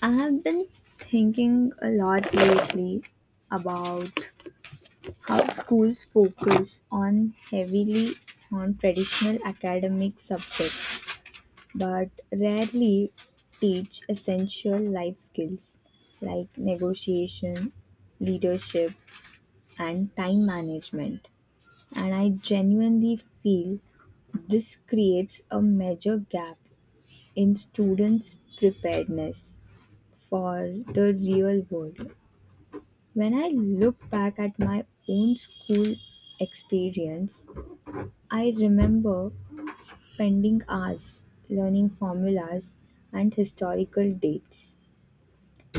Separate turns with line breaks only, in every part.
I have been thinking a lot lately about how schools focus on heavily on traditional academic subjects but rarely teach essential life skills like negotiation, leadership, and time management. And I genuinely feel this creates a major gap in students' preparedness for the real world. When I look back at my own school experience, I remember spending hours learning formulas and historical dates.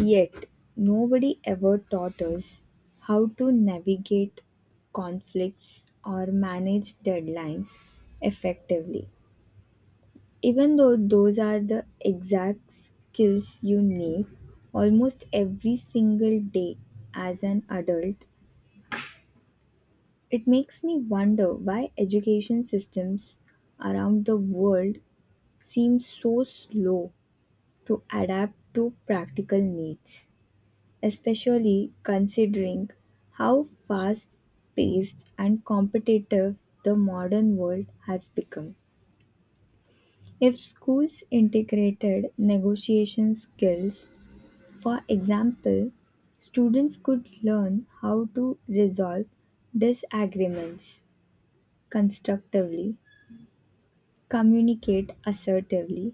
Yet, nobody ever taught us how to navigate conflicts or manage deadlines effectively. Even though those are the exact skills you need almost every single day as an adult, it makes me wonder why education systems around the world seem so slow to adapt to practical needs, especially considering how fast paced and competitive the modern world has become. If schools integrated negotiation skills, for example, students could learn how to resolve disagreements constructively communicate assertively,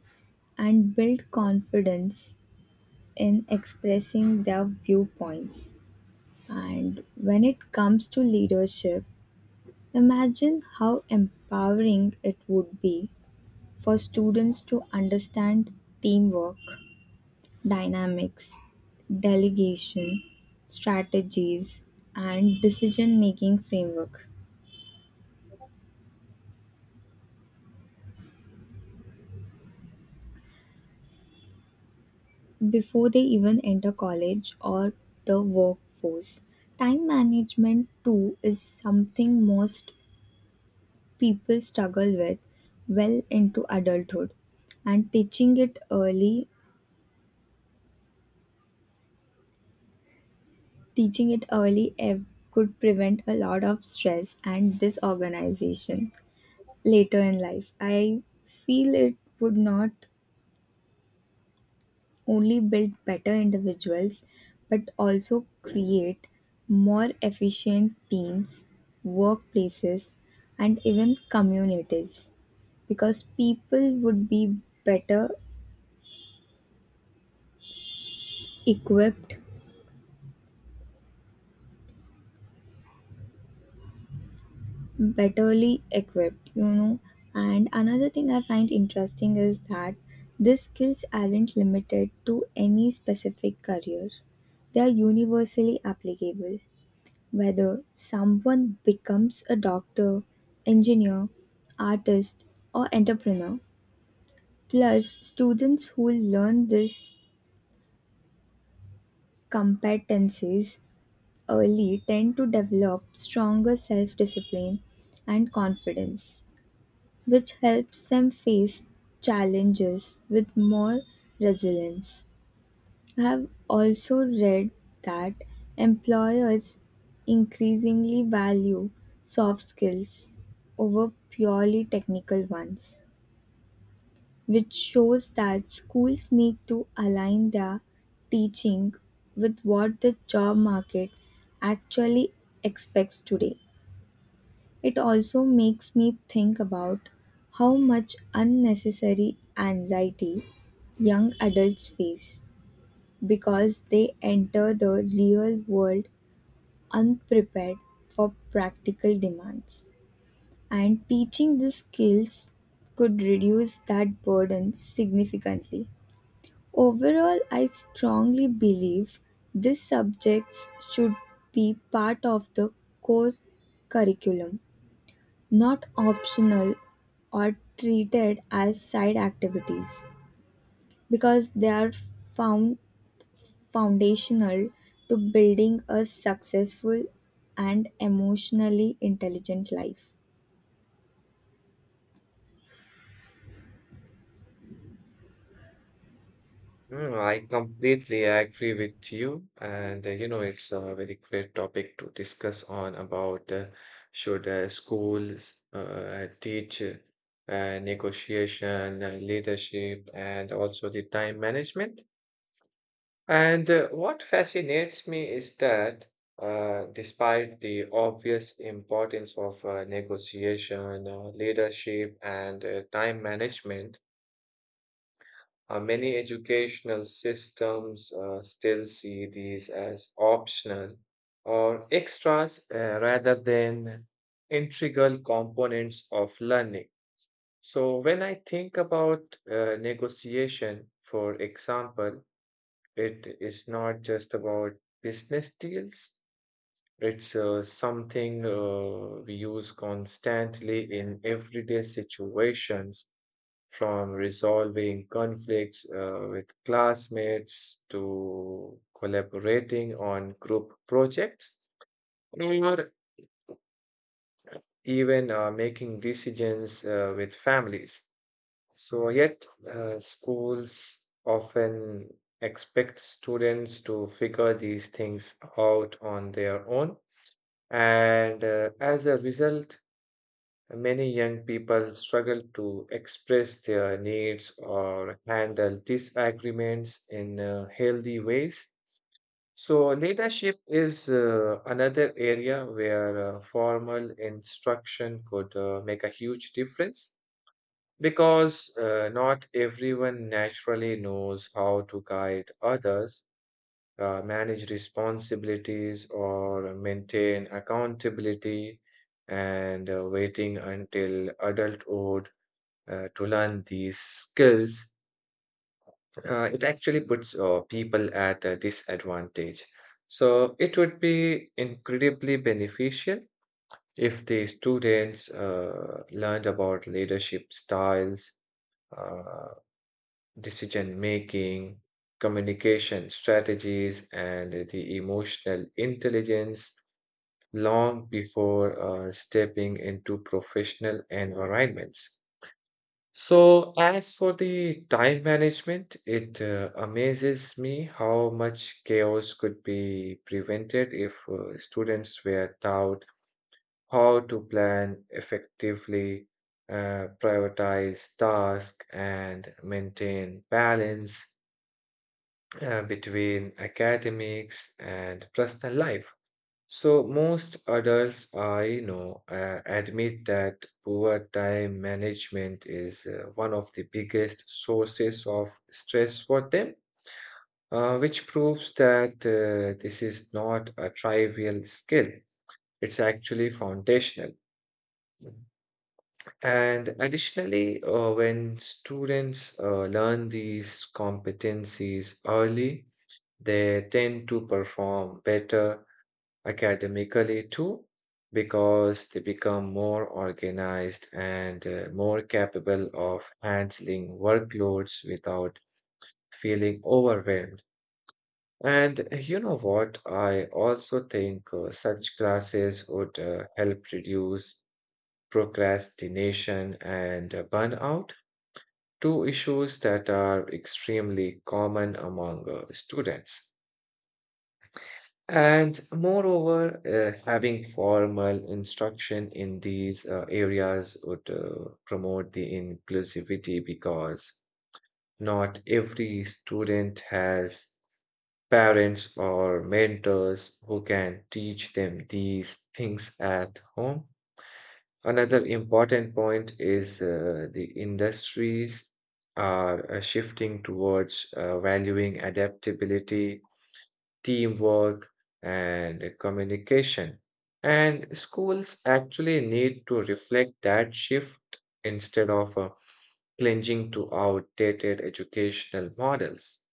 and build confidence in expressing their viewpoints. And when it comes to leadership, imagine how empowering it would be for students to understand teamwork, dynamics, delegation, strategies, and decision making framework before they even enter college or the workforce. Time management, too, is something most people struggle with well into adulthood, and teaching it early could prevent a lot of stress and disorganization later in life. I feel it would not only build better individuals but also create more efficient teams, workplaces, and even communities because people would be better equipped, betterly equipped. And another thing I find interesting is that these skills aren't limited to any specific career, they are universally applicable. Whether someone becomes a doctor, engineer, artist, or entrepreneur, plus students who learn these competencies early tend to develop stronger self-discipline and confidence, which helps them face challenges with more resilience. I have also read that employers increasingly value soft skills over purely technical ones, which shows that schools need to align their teaching with what the job market actually expects today. It also makes me think about how much unnecessary anxiety young adults face because they enter the real world unprepared for practical demands. And teaching these skills could reduce that burden significantly. Overall, I strongly believe these subjects should be part of the course curriculum, not optional or treated as side activities because they are found foundational to building a successful and emotionally intelligent life.
Mm, I completely agree with you. And it's a very great topic to discuss on about should schools teach negotiation, leadership, and also the time management. And what fascinates me is that despite the obvious importance of negotiation, leadership, and time management, many educational systems still see these as optional or extras rather than integral components of learning. So, when I think about negotiation, for example, it is not just about business deals. It's something we use constantly in everyday situations, from resolving conflicts with classmates to collaborating on group projects or even making decisions with families. So, yet, schools often expect students to figure these things out on their own. And as a result, many young people struggle to express their needs or handle disagreements in healthy ways. So, leadership is another area where formal instruction could make a huge difference, because not everyone naturally knows how to guide others, manage responsibilities, or maintain accountability, and waiting until adulthood to learn these skills, it actually puts people at a disadvantage. So it would be incredibly beneficial if the students learned about leadership styles, uh, decision making, communication strategies, and the emotional intelligence long before stepping into professional environments. So, as for the time management, it amazes me how much chaos could be prevented if students were taught how to plan effectively, prioritize tasks, and maintain balance between academics and personal life. So, most adults I know admit that poor time management is one of the biggest sources of stress for them, which proves that this is not a trivial skill. It's actually foundational. Mhm. And additionally, when students learn these competencies early, they tend to perform better academically too, because they become more organized and more capable of handling workloads without feeling overwhelmed. And you know what? I also think such classes would help reduce procrastination and burnout, two issues that are extremely common among students. And moreover, having formal instruction in these areas would promote the inclusivity, because not every student has parents or mentors who can teach them these things at home. Another important point is the industries are shifting towards valuing adaptability, teamwork, and communication. And schools actually need to reflect that shift instead of clinging to outdated educational models.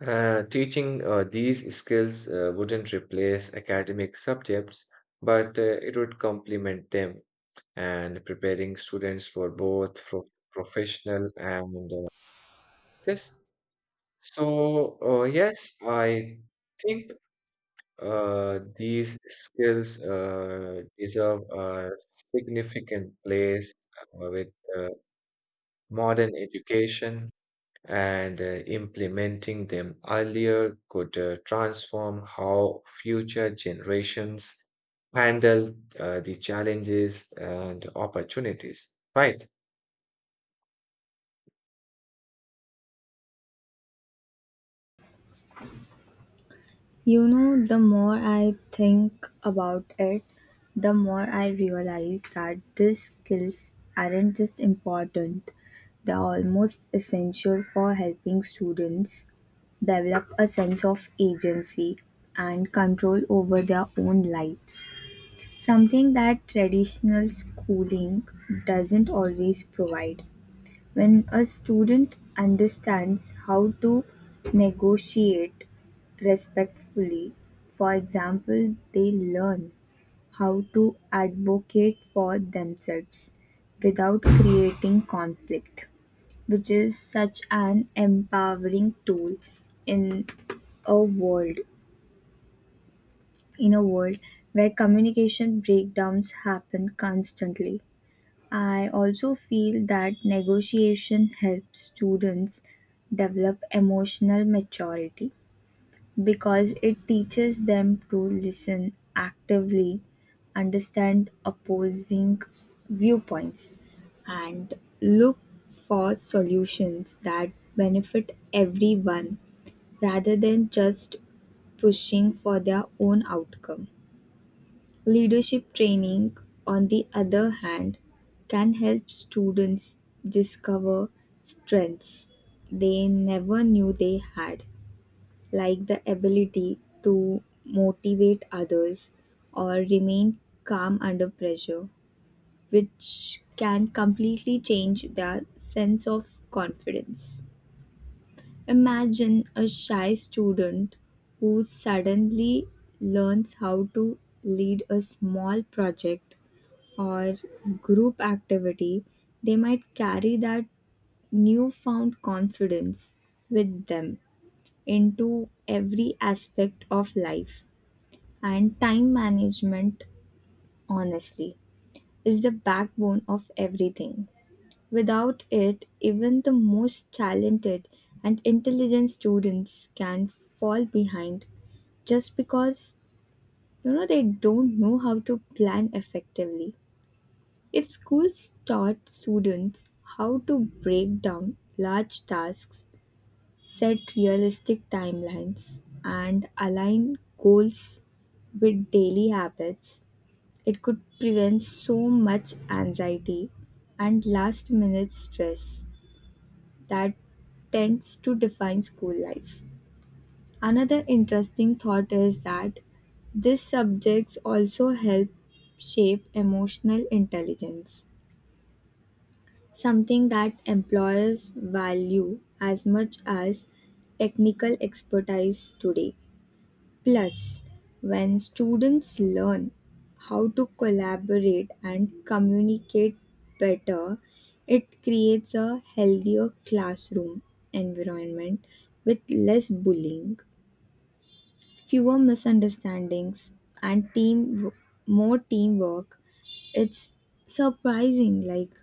Teaching these skills wouldn't replace academic subjects, but it would complement them and preparing students for both professional and this. So, yes, I think these skills deserve a significant place with uh, modern education, and implementing them earlier could transform how future generations handle the challenges and opportunities, right?
You know, the more I think about it, the more I realize that these skills aren't just important, they're almost essential for helping students develop a sense of agency and control over their own lives. Something that traditional schooling doesn't always provide. When a student understands how to negotiate respectfully, for example, they learn how to advocate for themselves without creating conflict, which is such an empowering tool in a world in a world where communication breakdowns happen constantly. I also feel that negotiation helps students develop emotional maturity because it teaches them to listen actively, understand opposing viewpoints, and look for solutions that benefit everyone rather than just pushing for their own outcome. Leadership training, on the other hand, can help students discover strengths they never knew they had, like the ability to motivate others or remain calm under pressure, which can completely change their sense of confidence. Imagine a shy student who suddenly learns how to lead a small project or group activity, they might carry that newfound confidence with them into every aspect of life. And time management, honestly, is the backbone of everything. Without it, even the most talented and intelligent students can fall behind just because they don't know how to plan effectively. If schools taught students how to break down large tasks, set realistic timelines, and align goals with daily habits, it could prevent so much anxiety and last minute stress that tends to define school life. Another interesting thought is that these subjects also help shape emotional intelligence. Something that employers value as much as technical expertise today. Plus, when students learn how to collaborate and communicate better, it creates a healthier classroom environment with less bullying fewer misunderstandings and team more teamwork. It's surprising like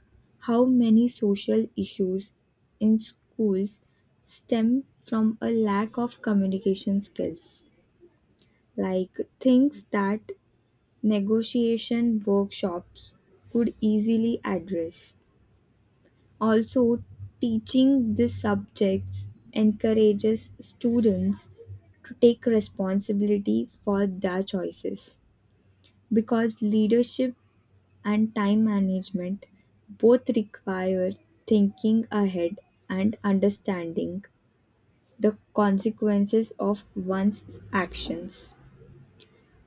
how many social issues in schools stem from a lack of communication skills like things that negotiation workshops could easily address. Also, teaching these subjects encourages students to take responsibility for their choices because leadership and time management both require thinking ahead and understanding the consequences of one's actions.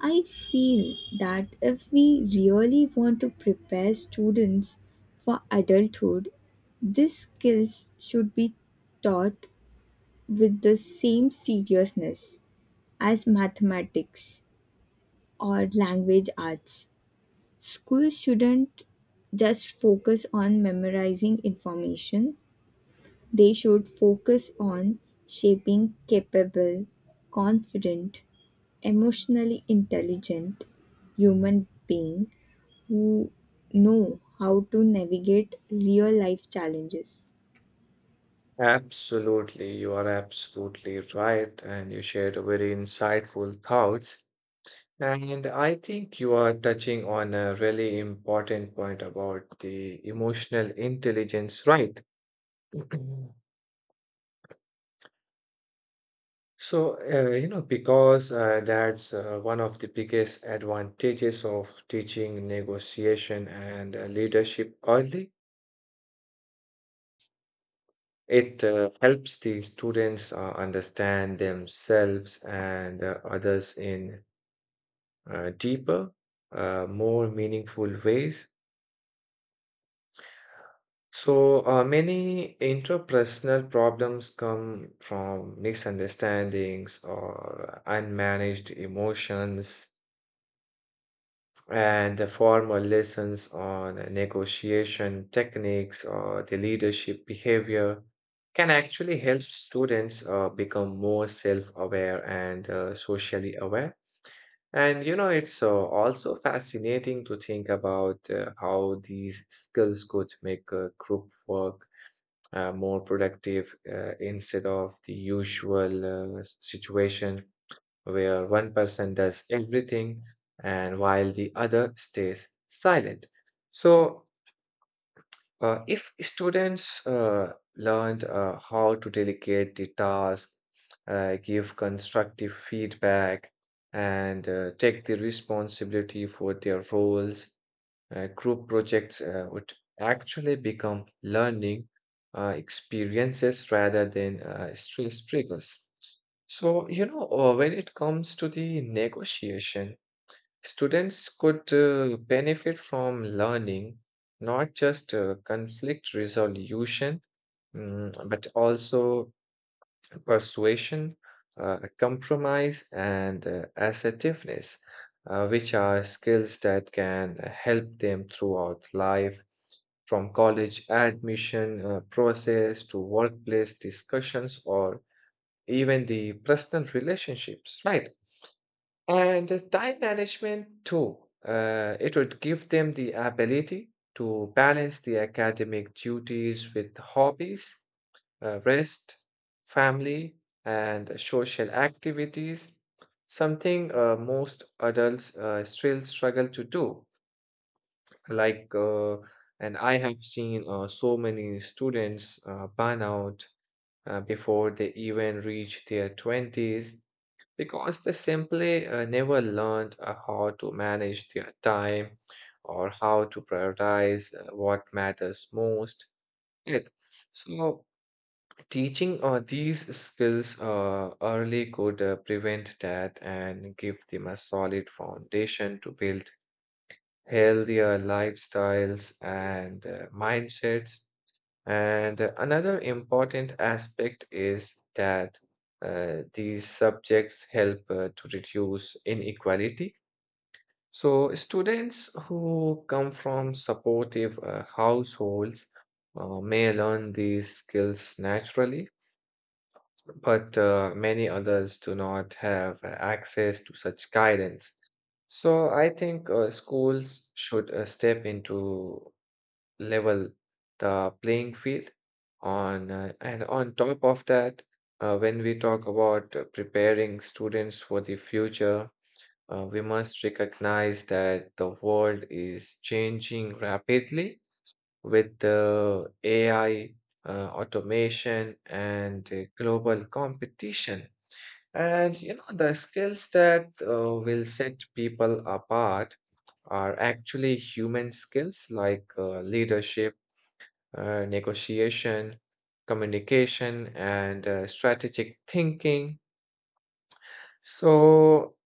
I feel that if we really want to prepare students for adulthood, these skills should be taught with the same seriousness as mathematics or language arts. Schools shouldn't just focus on memorizing information, they should focus on shaping capable, confident, emotionally intelligent human being who know how to navigate real life challenges.
Absolutely, you are absolutely right, and you shared a very insightful thoughts. And I think you are touching on a really important point about the emotional intelligence, right? So, because that's one of the biggest advantages of teaching negotiation and leadership early. It helps the students understand themselves and others in deeper, more meaningful ways. So, many interpersonal problems come from misunderstandings or unmanaged emotions, and the formal lessons on negotiation techniques or the leadership behavior can actually help students become more self aware and socially aware. And it's also fascinating to think about how these skills could make group work more productive instead of the usual situation, where one person does everything and while the other stays silent. So, if students learned how to delegate the task, give constructive feedback, and take the responsibility for their roles, group projects would actually become learning experiences rather than stress triggers. So, when it comes to the negotiation, students could benefit from learning not just conflict resolution, but also persuasion, compromise, and assertiveness, which are skills that can help them throughout life, from college admission process to workplace discussions or even the personal relationships, right? And time management too. It would give them the ability to balance the academic duties with hobbies, rest, family, and social activities, something most adults still struggle to do. Like, uh, and I have seen so many students burn out before they even reach their 20s, because they simply never learned how to manage their time or how to prioritize what matters most. Right. So, teaching these skills early could prevent that and give them a solid foundation to build healthier lifestyles and mindsets. And another important aspect is that these subjects help to reduce inequality. So, students who come from supportive households may learn these skills naturally, but many others do not have access to such guidance. So, I think schools should step into level the playing field. On And on top of that, when we talk about preparing students for the future, we must recognize that the world is changing rapidly, with the AI, automation, and global competition. And the skills that will set people apart are actually human skills, like leadership, negotiation, communication, and strategic thinking. So,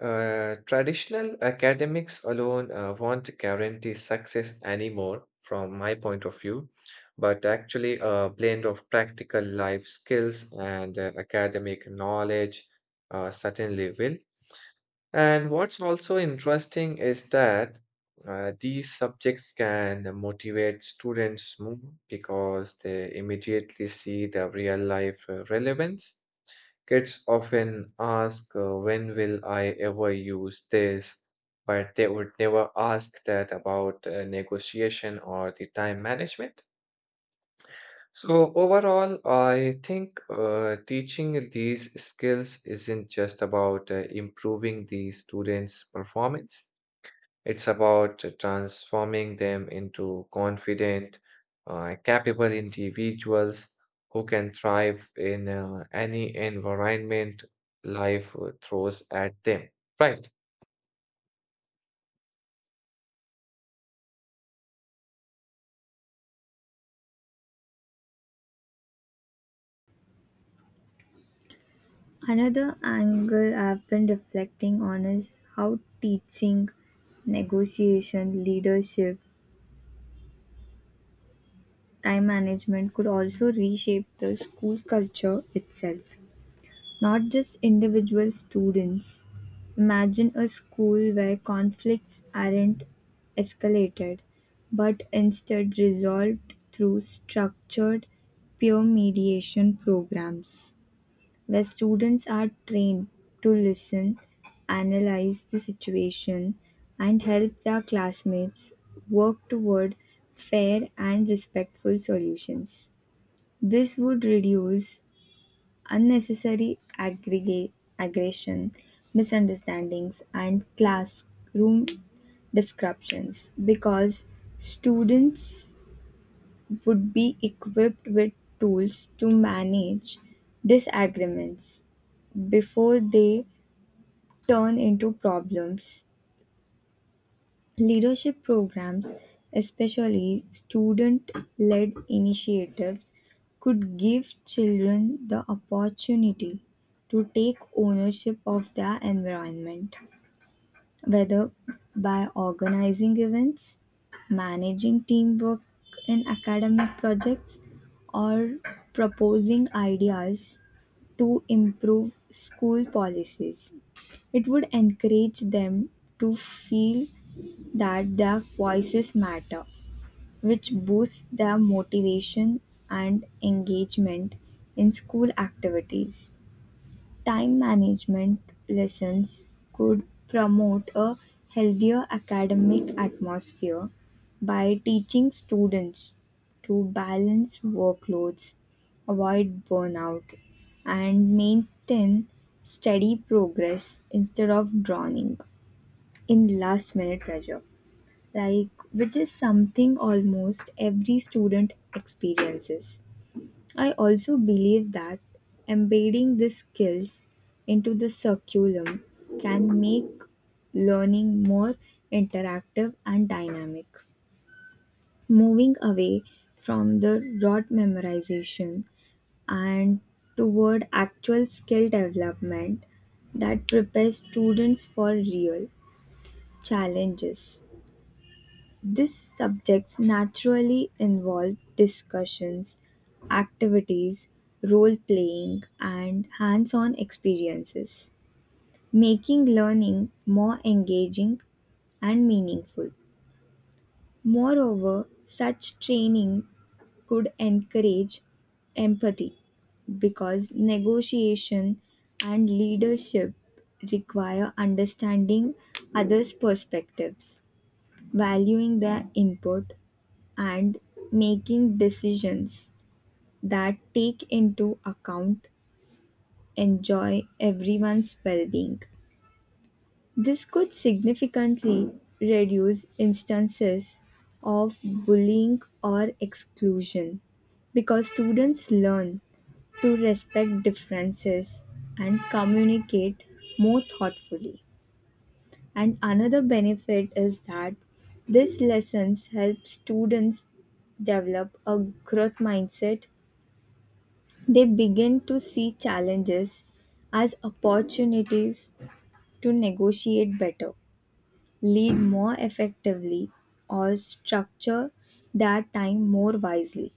traditional academics alone won't guarantee success anymore, from my point of view, but actually, a blend of practical life skills and academic knowledge certainly will. And what's also interesting is that these subjects can motivate students more, because they immediately see the real life relevance. Kids often ask, "When will I ever use this?" But they would never ask that about negotiation or the time management. So, overall, I think teaching these skills isn't just about improving the students' performance, it's about transforming them into confident, capable individuals who can thrive in any environment life throws at them. Right.
Another angle I've been reflecting on is how teaching, negotiation, leadership, time management could also reshape the school culture itself. Not just individual students; imagine a school where conflicts aren't escalated, but instead resolved through structured peer mediation programs, where students are trained to listen, analyze the situation, and help their classmates work toward fair and respectful solutions. This would reduce unnecessary aggression, misunderstandings, and classroom disruptions because students would be equipped with tools to manage disagreements before they turn into problems. Leadership programs, especially student led initiatives, could give children the opportunity to take ownership of their environment, whether by organizing events, managing teamwork in academic projects, or proposing ideas to improve school policies. It would encourage them to feel that their voices matter, which boosts their motivation and engagement in school activities. Time management lessons could promote a healthier academic atmosphere by teaching students to balance workloads, avoid burnout, and maintain steady progress instead of drowning in last minute pressure like which is something almost every student experiences. I also believe that embedding these skills into the curriculum can make learning more interactive and dynamic. Moving away from the rote memorization and toward actual skill development that prepares students for real challenges. These subjects naturally involve discussions, activities, role playing, and hands on experiences, making learning more engaging and meaningful. Moreover, such training could encourage empathy because negotiation and leadership require understanding others' perspectives, valuing their input, and making decisions that take into account enjoy everyone's well-being. This could significantly reduce instances of bullying or exclusion because students learn to respect differences and communicate more thoughtfully. And another benefit is that these lessons help students develop a growth mindset. They begin to see challenges as opportunities to negotiate better, lead more effectively, or structure their time more wisely,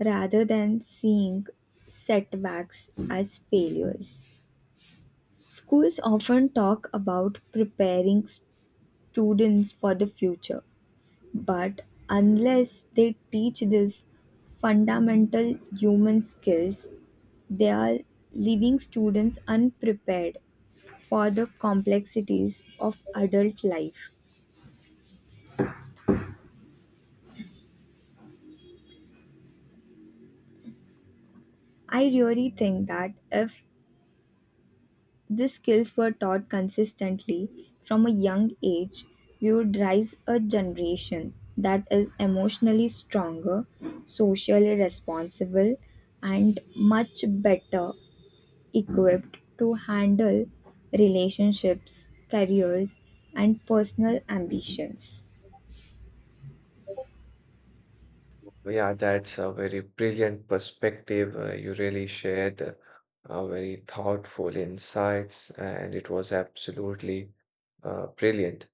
rather than seeing setbacks as failures. Schools often talk about preparing students for the future, but unless they teach these fundamental human skills, they are leaving students unprepared for the complexities of adult life. I really think that if these skills were taught consistently from a young age, we would raise a generation that is emotionally stronger, socially responsible, and much better equipped to handle relationships, careers, and personal ambitions.
Yeah, that's a very brilliant perspective. You really shared very thoughtful insights, and it was absolutely brilliant.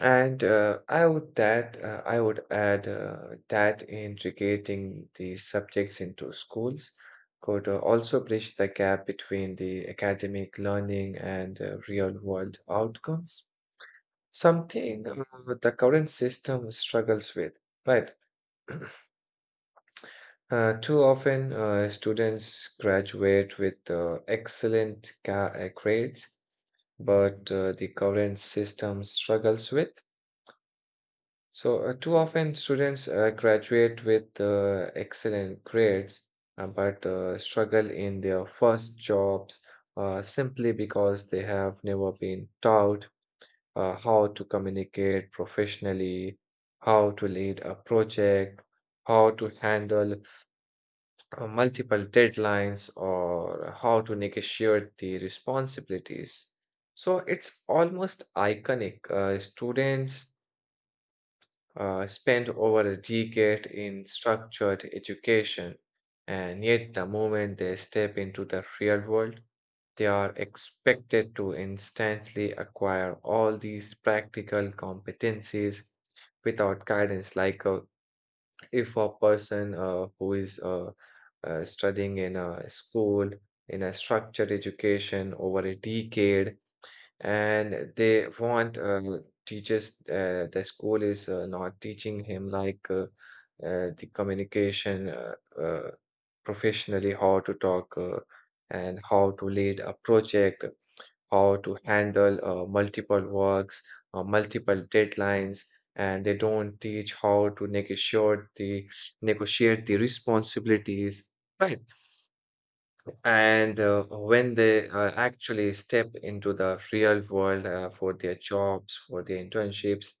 And I would add that integrating the subjects into schools could also bridge the gap between the academic learning and real-world outcomes, something the current system struggles with, right? Too often, students graduate with excellent grades, but the current system struggles with. So, too often, students graduate with excellent grades, but struggle in their first jobs, simply because they have never been taught how to communicate professionally, how to lead a project, how to handle multiple deadlines, or how to negotiate the responsibilities. So it's almost iconic. Students spend over a decade in structured education, and yet the moment they step into the real world, they are expected to instantly acquire all these practical competencies without guidance. Like a if a person who is studying in a school in a structured education over a decade, and they want teachers, the school is not teaching him, like the communication, uh, professionally, how to talk, and how to lead a project, how to handle multiple works, multiple deadlines, and they don't teach how to negotiate the responsibilities, right? And when they actually step into the real world for their jobs, for their internships,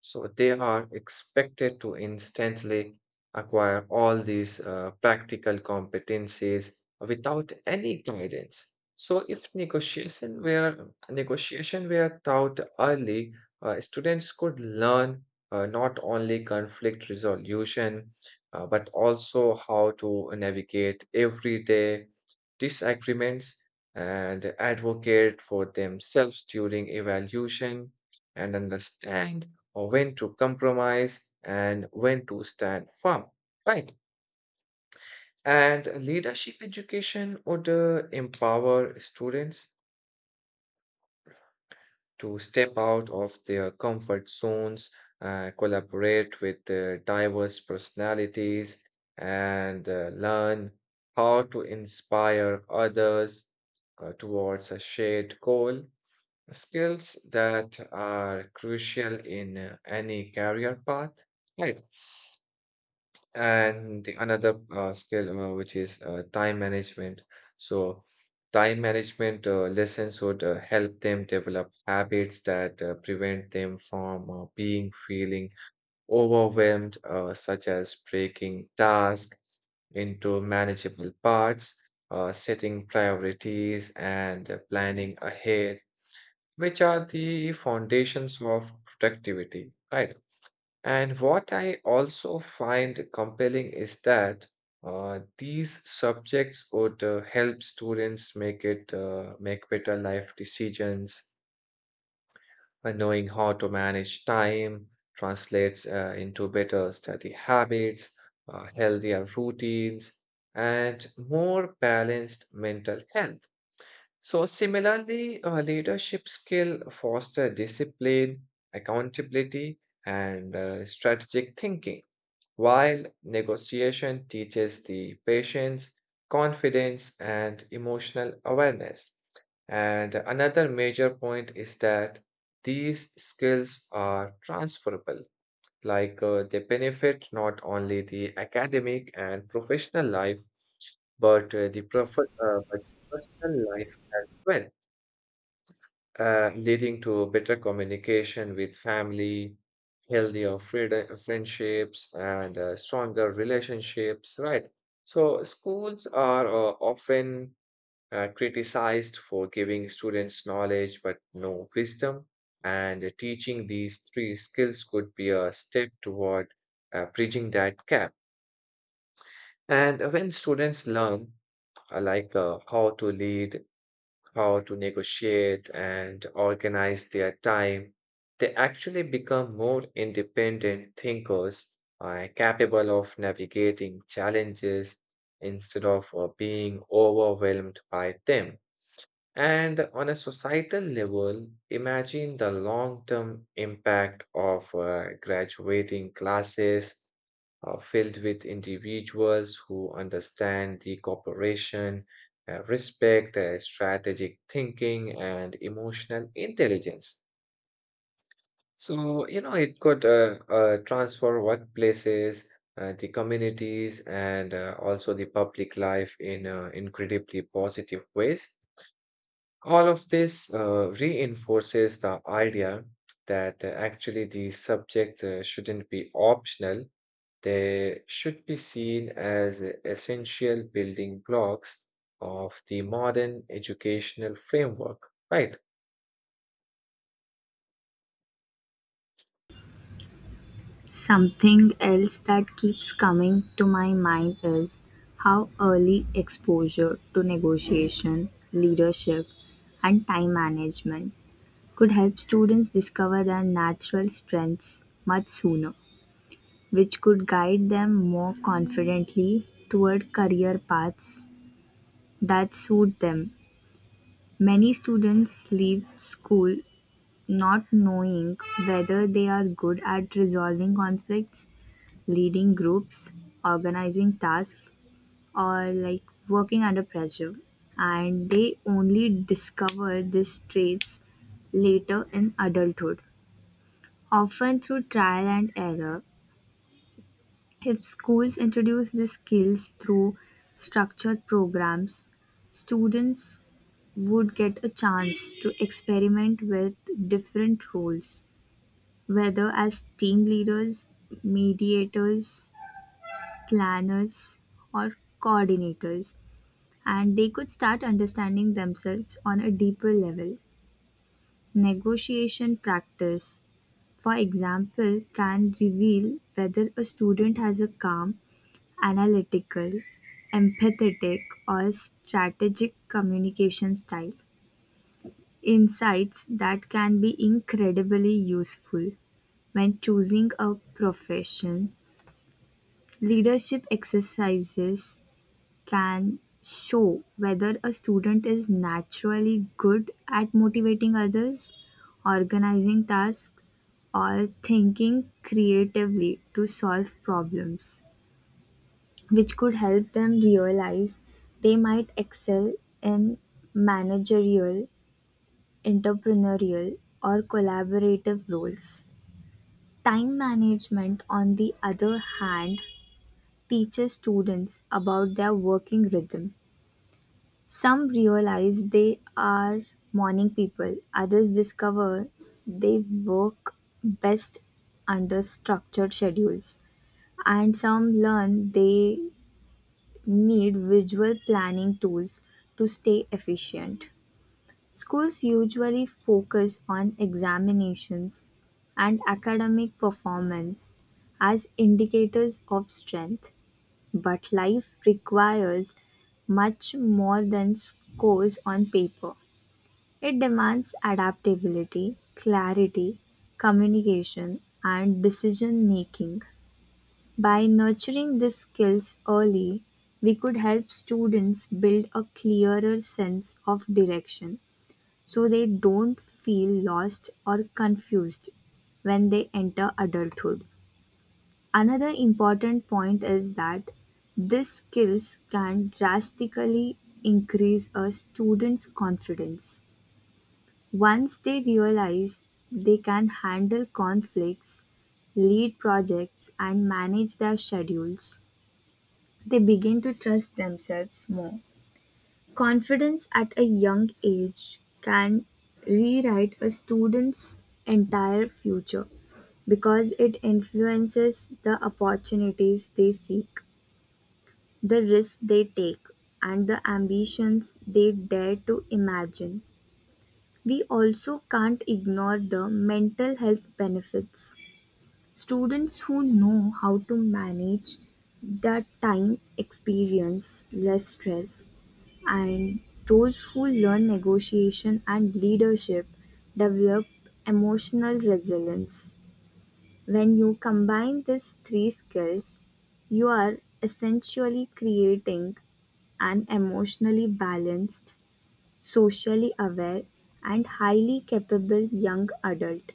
so they are expected to instantly acquire all these practical competencies without any guidance. So if negotiation were taught early, students could learn not only conflict resolution, but also how to navigate everyday disagreements, and advocate for themselves during evaluation, and understand or when to compromise and when to stand firm, right? And leadership education would empower students to step out of their comfort zones, collaborate with diverse personalities, and learn how to inspire others towards a shared goal. Skills that are crucial in any career path. Right. And the another skill, which is time management. So, time management lessons would help them develop habits that prevent them from being feeling overwhelmed, such as breaking tasks into manageable parts, setting priorities, and planning ahead, which are the foundations of productivity, right? And what I also find compelling is that these subjects would help students make better life decisions, knowing how to manage time translates into better study habits, healthier routines, and more balanced mental health. So similarly, leadership skill foster discipline, accountability, and strategic thinking, while negotiation teaches the patience, confidence, and emotional awareness. And another major point is that these skills are transferable, like they benefit not only the academic and professional life, but but personal life as well, leading to better communication with family, healthier friendships, and stronger relationships, right? So, schools are often criticized for giving students knowledge but no wisdom, and teaching these three skills could be a step toward bridging that gap. And when students learn, how to lead, how to negotiate and organize their time, they actually become more independent thinkers, capable of navigating challenges instead of being overwhelmed by them. And on a societal level, imagine the long term impact of graduating classes filled with individuals who understand the cooperation, respect, strategic thinking, and emotional intelligence. So, you know, it could transform workplaces, the communities, and also the public life in incredibly positive ways. All of this reinforces the idea that actually these subjects shouldn't be optional. They should be seen as essential building blocks of the modern educational framework, right?
Something else that keeps coming to my mind is how early exposure to negotiation, leadership, and time management could help students discover their natural strengths much sooner, which could guide them more confidently toward career paths that suit them. Many students leave school not knowing whether they are good at resolving conflicts, leading groups, organizing tasks, or like working under pressure. And they only discover these traits later in adulthood, often through trial and error. If schools introduce these skills through structured programs, students would get a chance to experiment with different roles, whether as team leaders, mediators, planners or coordinators, and they could start understanding themselves on a deeper level. Negotiation practice, for example, can reveal whether a student has a calm, analytical, empathetic, or strategic communication style. Insights that can be incredibly useful when choosing a profession. Leadership exercises can show whether a student is naturally good at motivating others, organizing tasks, or thinking creatively to solve problems, which could help them realize they might excel in managerial, entrepreneurial, or collaborative roles. Time management, on the other hand, teaches students about their working rhythm. Some realize they are morning people, others discover they work best under structured schedules, and some learn they need visual planning tools to stay efficient. Schools usually focus on examinations and academic performance as indicators of strength, but life requires much more than scores on paper. It demands adaptability, clarity, communication, and decision making. By nurturing these skills early, we could help students build a clearer sense of direction so they don't feel lost or confused when they enter adulthood. Another important point is that these skills can drastically increase a student's confidence. Once they realize they can handle conflicts, lead projects, and manage their schedules, they begin to trust themselves more. Confidence at a young age can rewrite a student's entire future because it influences the opportunities they seek, the risks they take, and the ambitions they dare to imagine. We also can't ignore the mental health benefits. Students who know how to manage their time experience less stress, and those who learn negotiation and leadership develop emotional resilience. When you combine these three skills, you are essentially creating an emotionally balanced, socially aware, and highly capable young adult.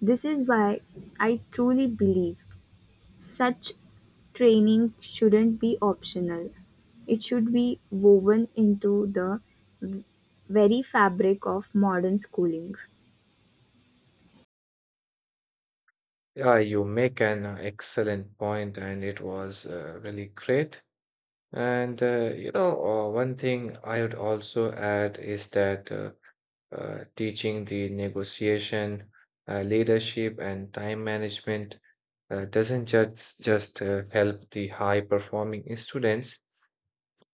This is why I truly believe such training shouldn't be optional. It should be woven into the very fabric of modern schooling.
Yeah, you make an excellent point, and it was really great. And you know, one thing I would also add is that teaching the negotiation, leadership, and time management doesn't just help the high performing students.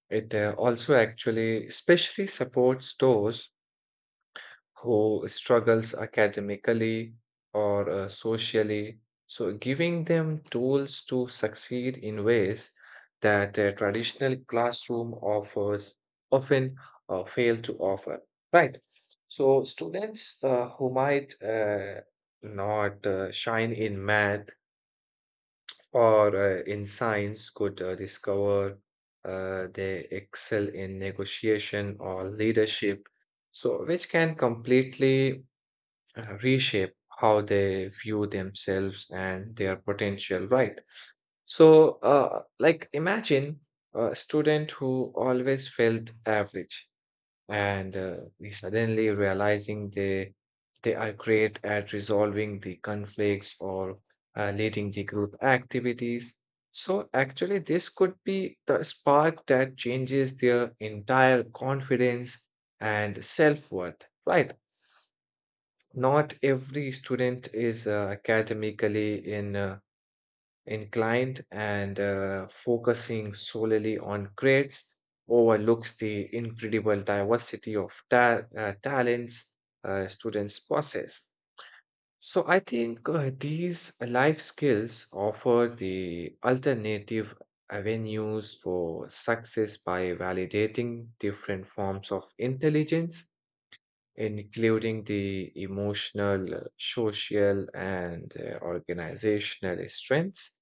It also actually especially supports those who struggles academically or socially. So giving them tools to succeed in ways that a traditional classroom offers often fail to offer. Right. So students who might not shine in math or in science could discover they excel in negotiation or leadership, so which can completely reshape how they view themselves and their potential, right? So like imagine a student who always felt average and we suddenly realizing they are great at resolving the conflicts or leading the group activities, so actually this could be the spark that changes their entire confidence and self-worth, right? Not every student is academically in inclined, and focusing solely on grades overlooks the incredible diversity of talents students possess. So I think these life skills offer the alternative avenues for success by validating different forms of intelligence, including the emotional, social, and organizational strengths.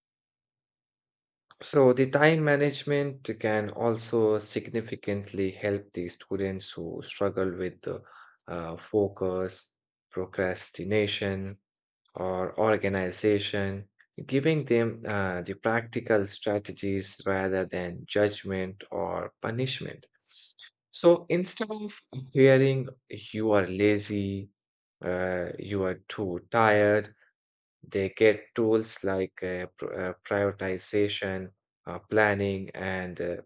So the time management can also significantly help the students who struggle with the, focus, procrastination, or organization, giving them the practical strategies rather than judgment or punishment. So instead of hearing you are lazy, you are too tired, they get tools like prioritization, planning, and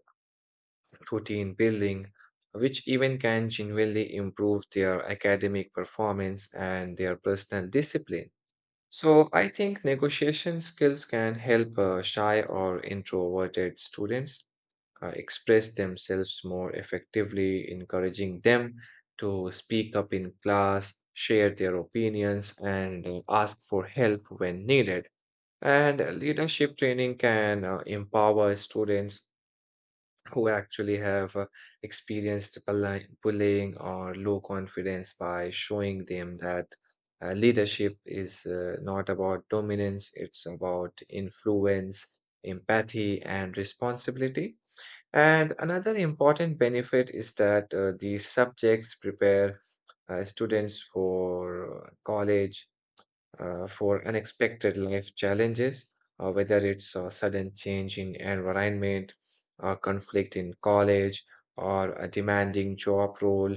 routine building, which even can genuinely improve their academic performance and their personal discipline. So, I think negotiation skills can help shy or introverted students express themselves more effectively, encouraging them to speak up in class, share their opinions, and ask for help when needed. And leadership training can empower students who actually have experienced bullying or low confidence by showing them that leadership is not about dominance, it's about influence, empathy, and responsibility. And another important benefit is that these subjects prepare students for college, for unexpected life challenges, whether it's a sudden change in environment, a conflict in college, or a demanding job role.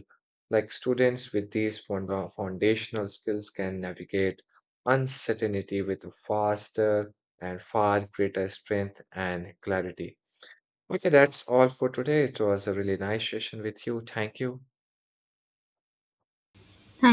Like students with these foundational skills can navigate uncertainty with faster and far greater strength and clarity. Okay, that's all for today. It was a really nice session with you. Thank you.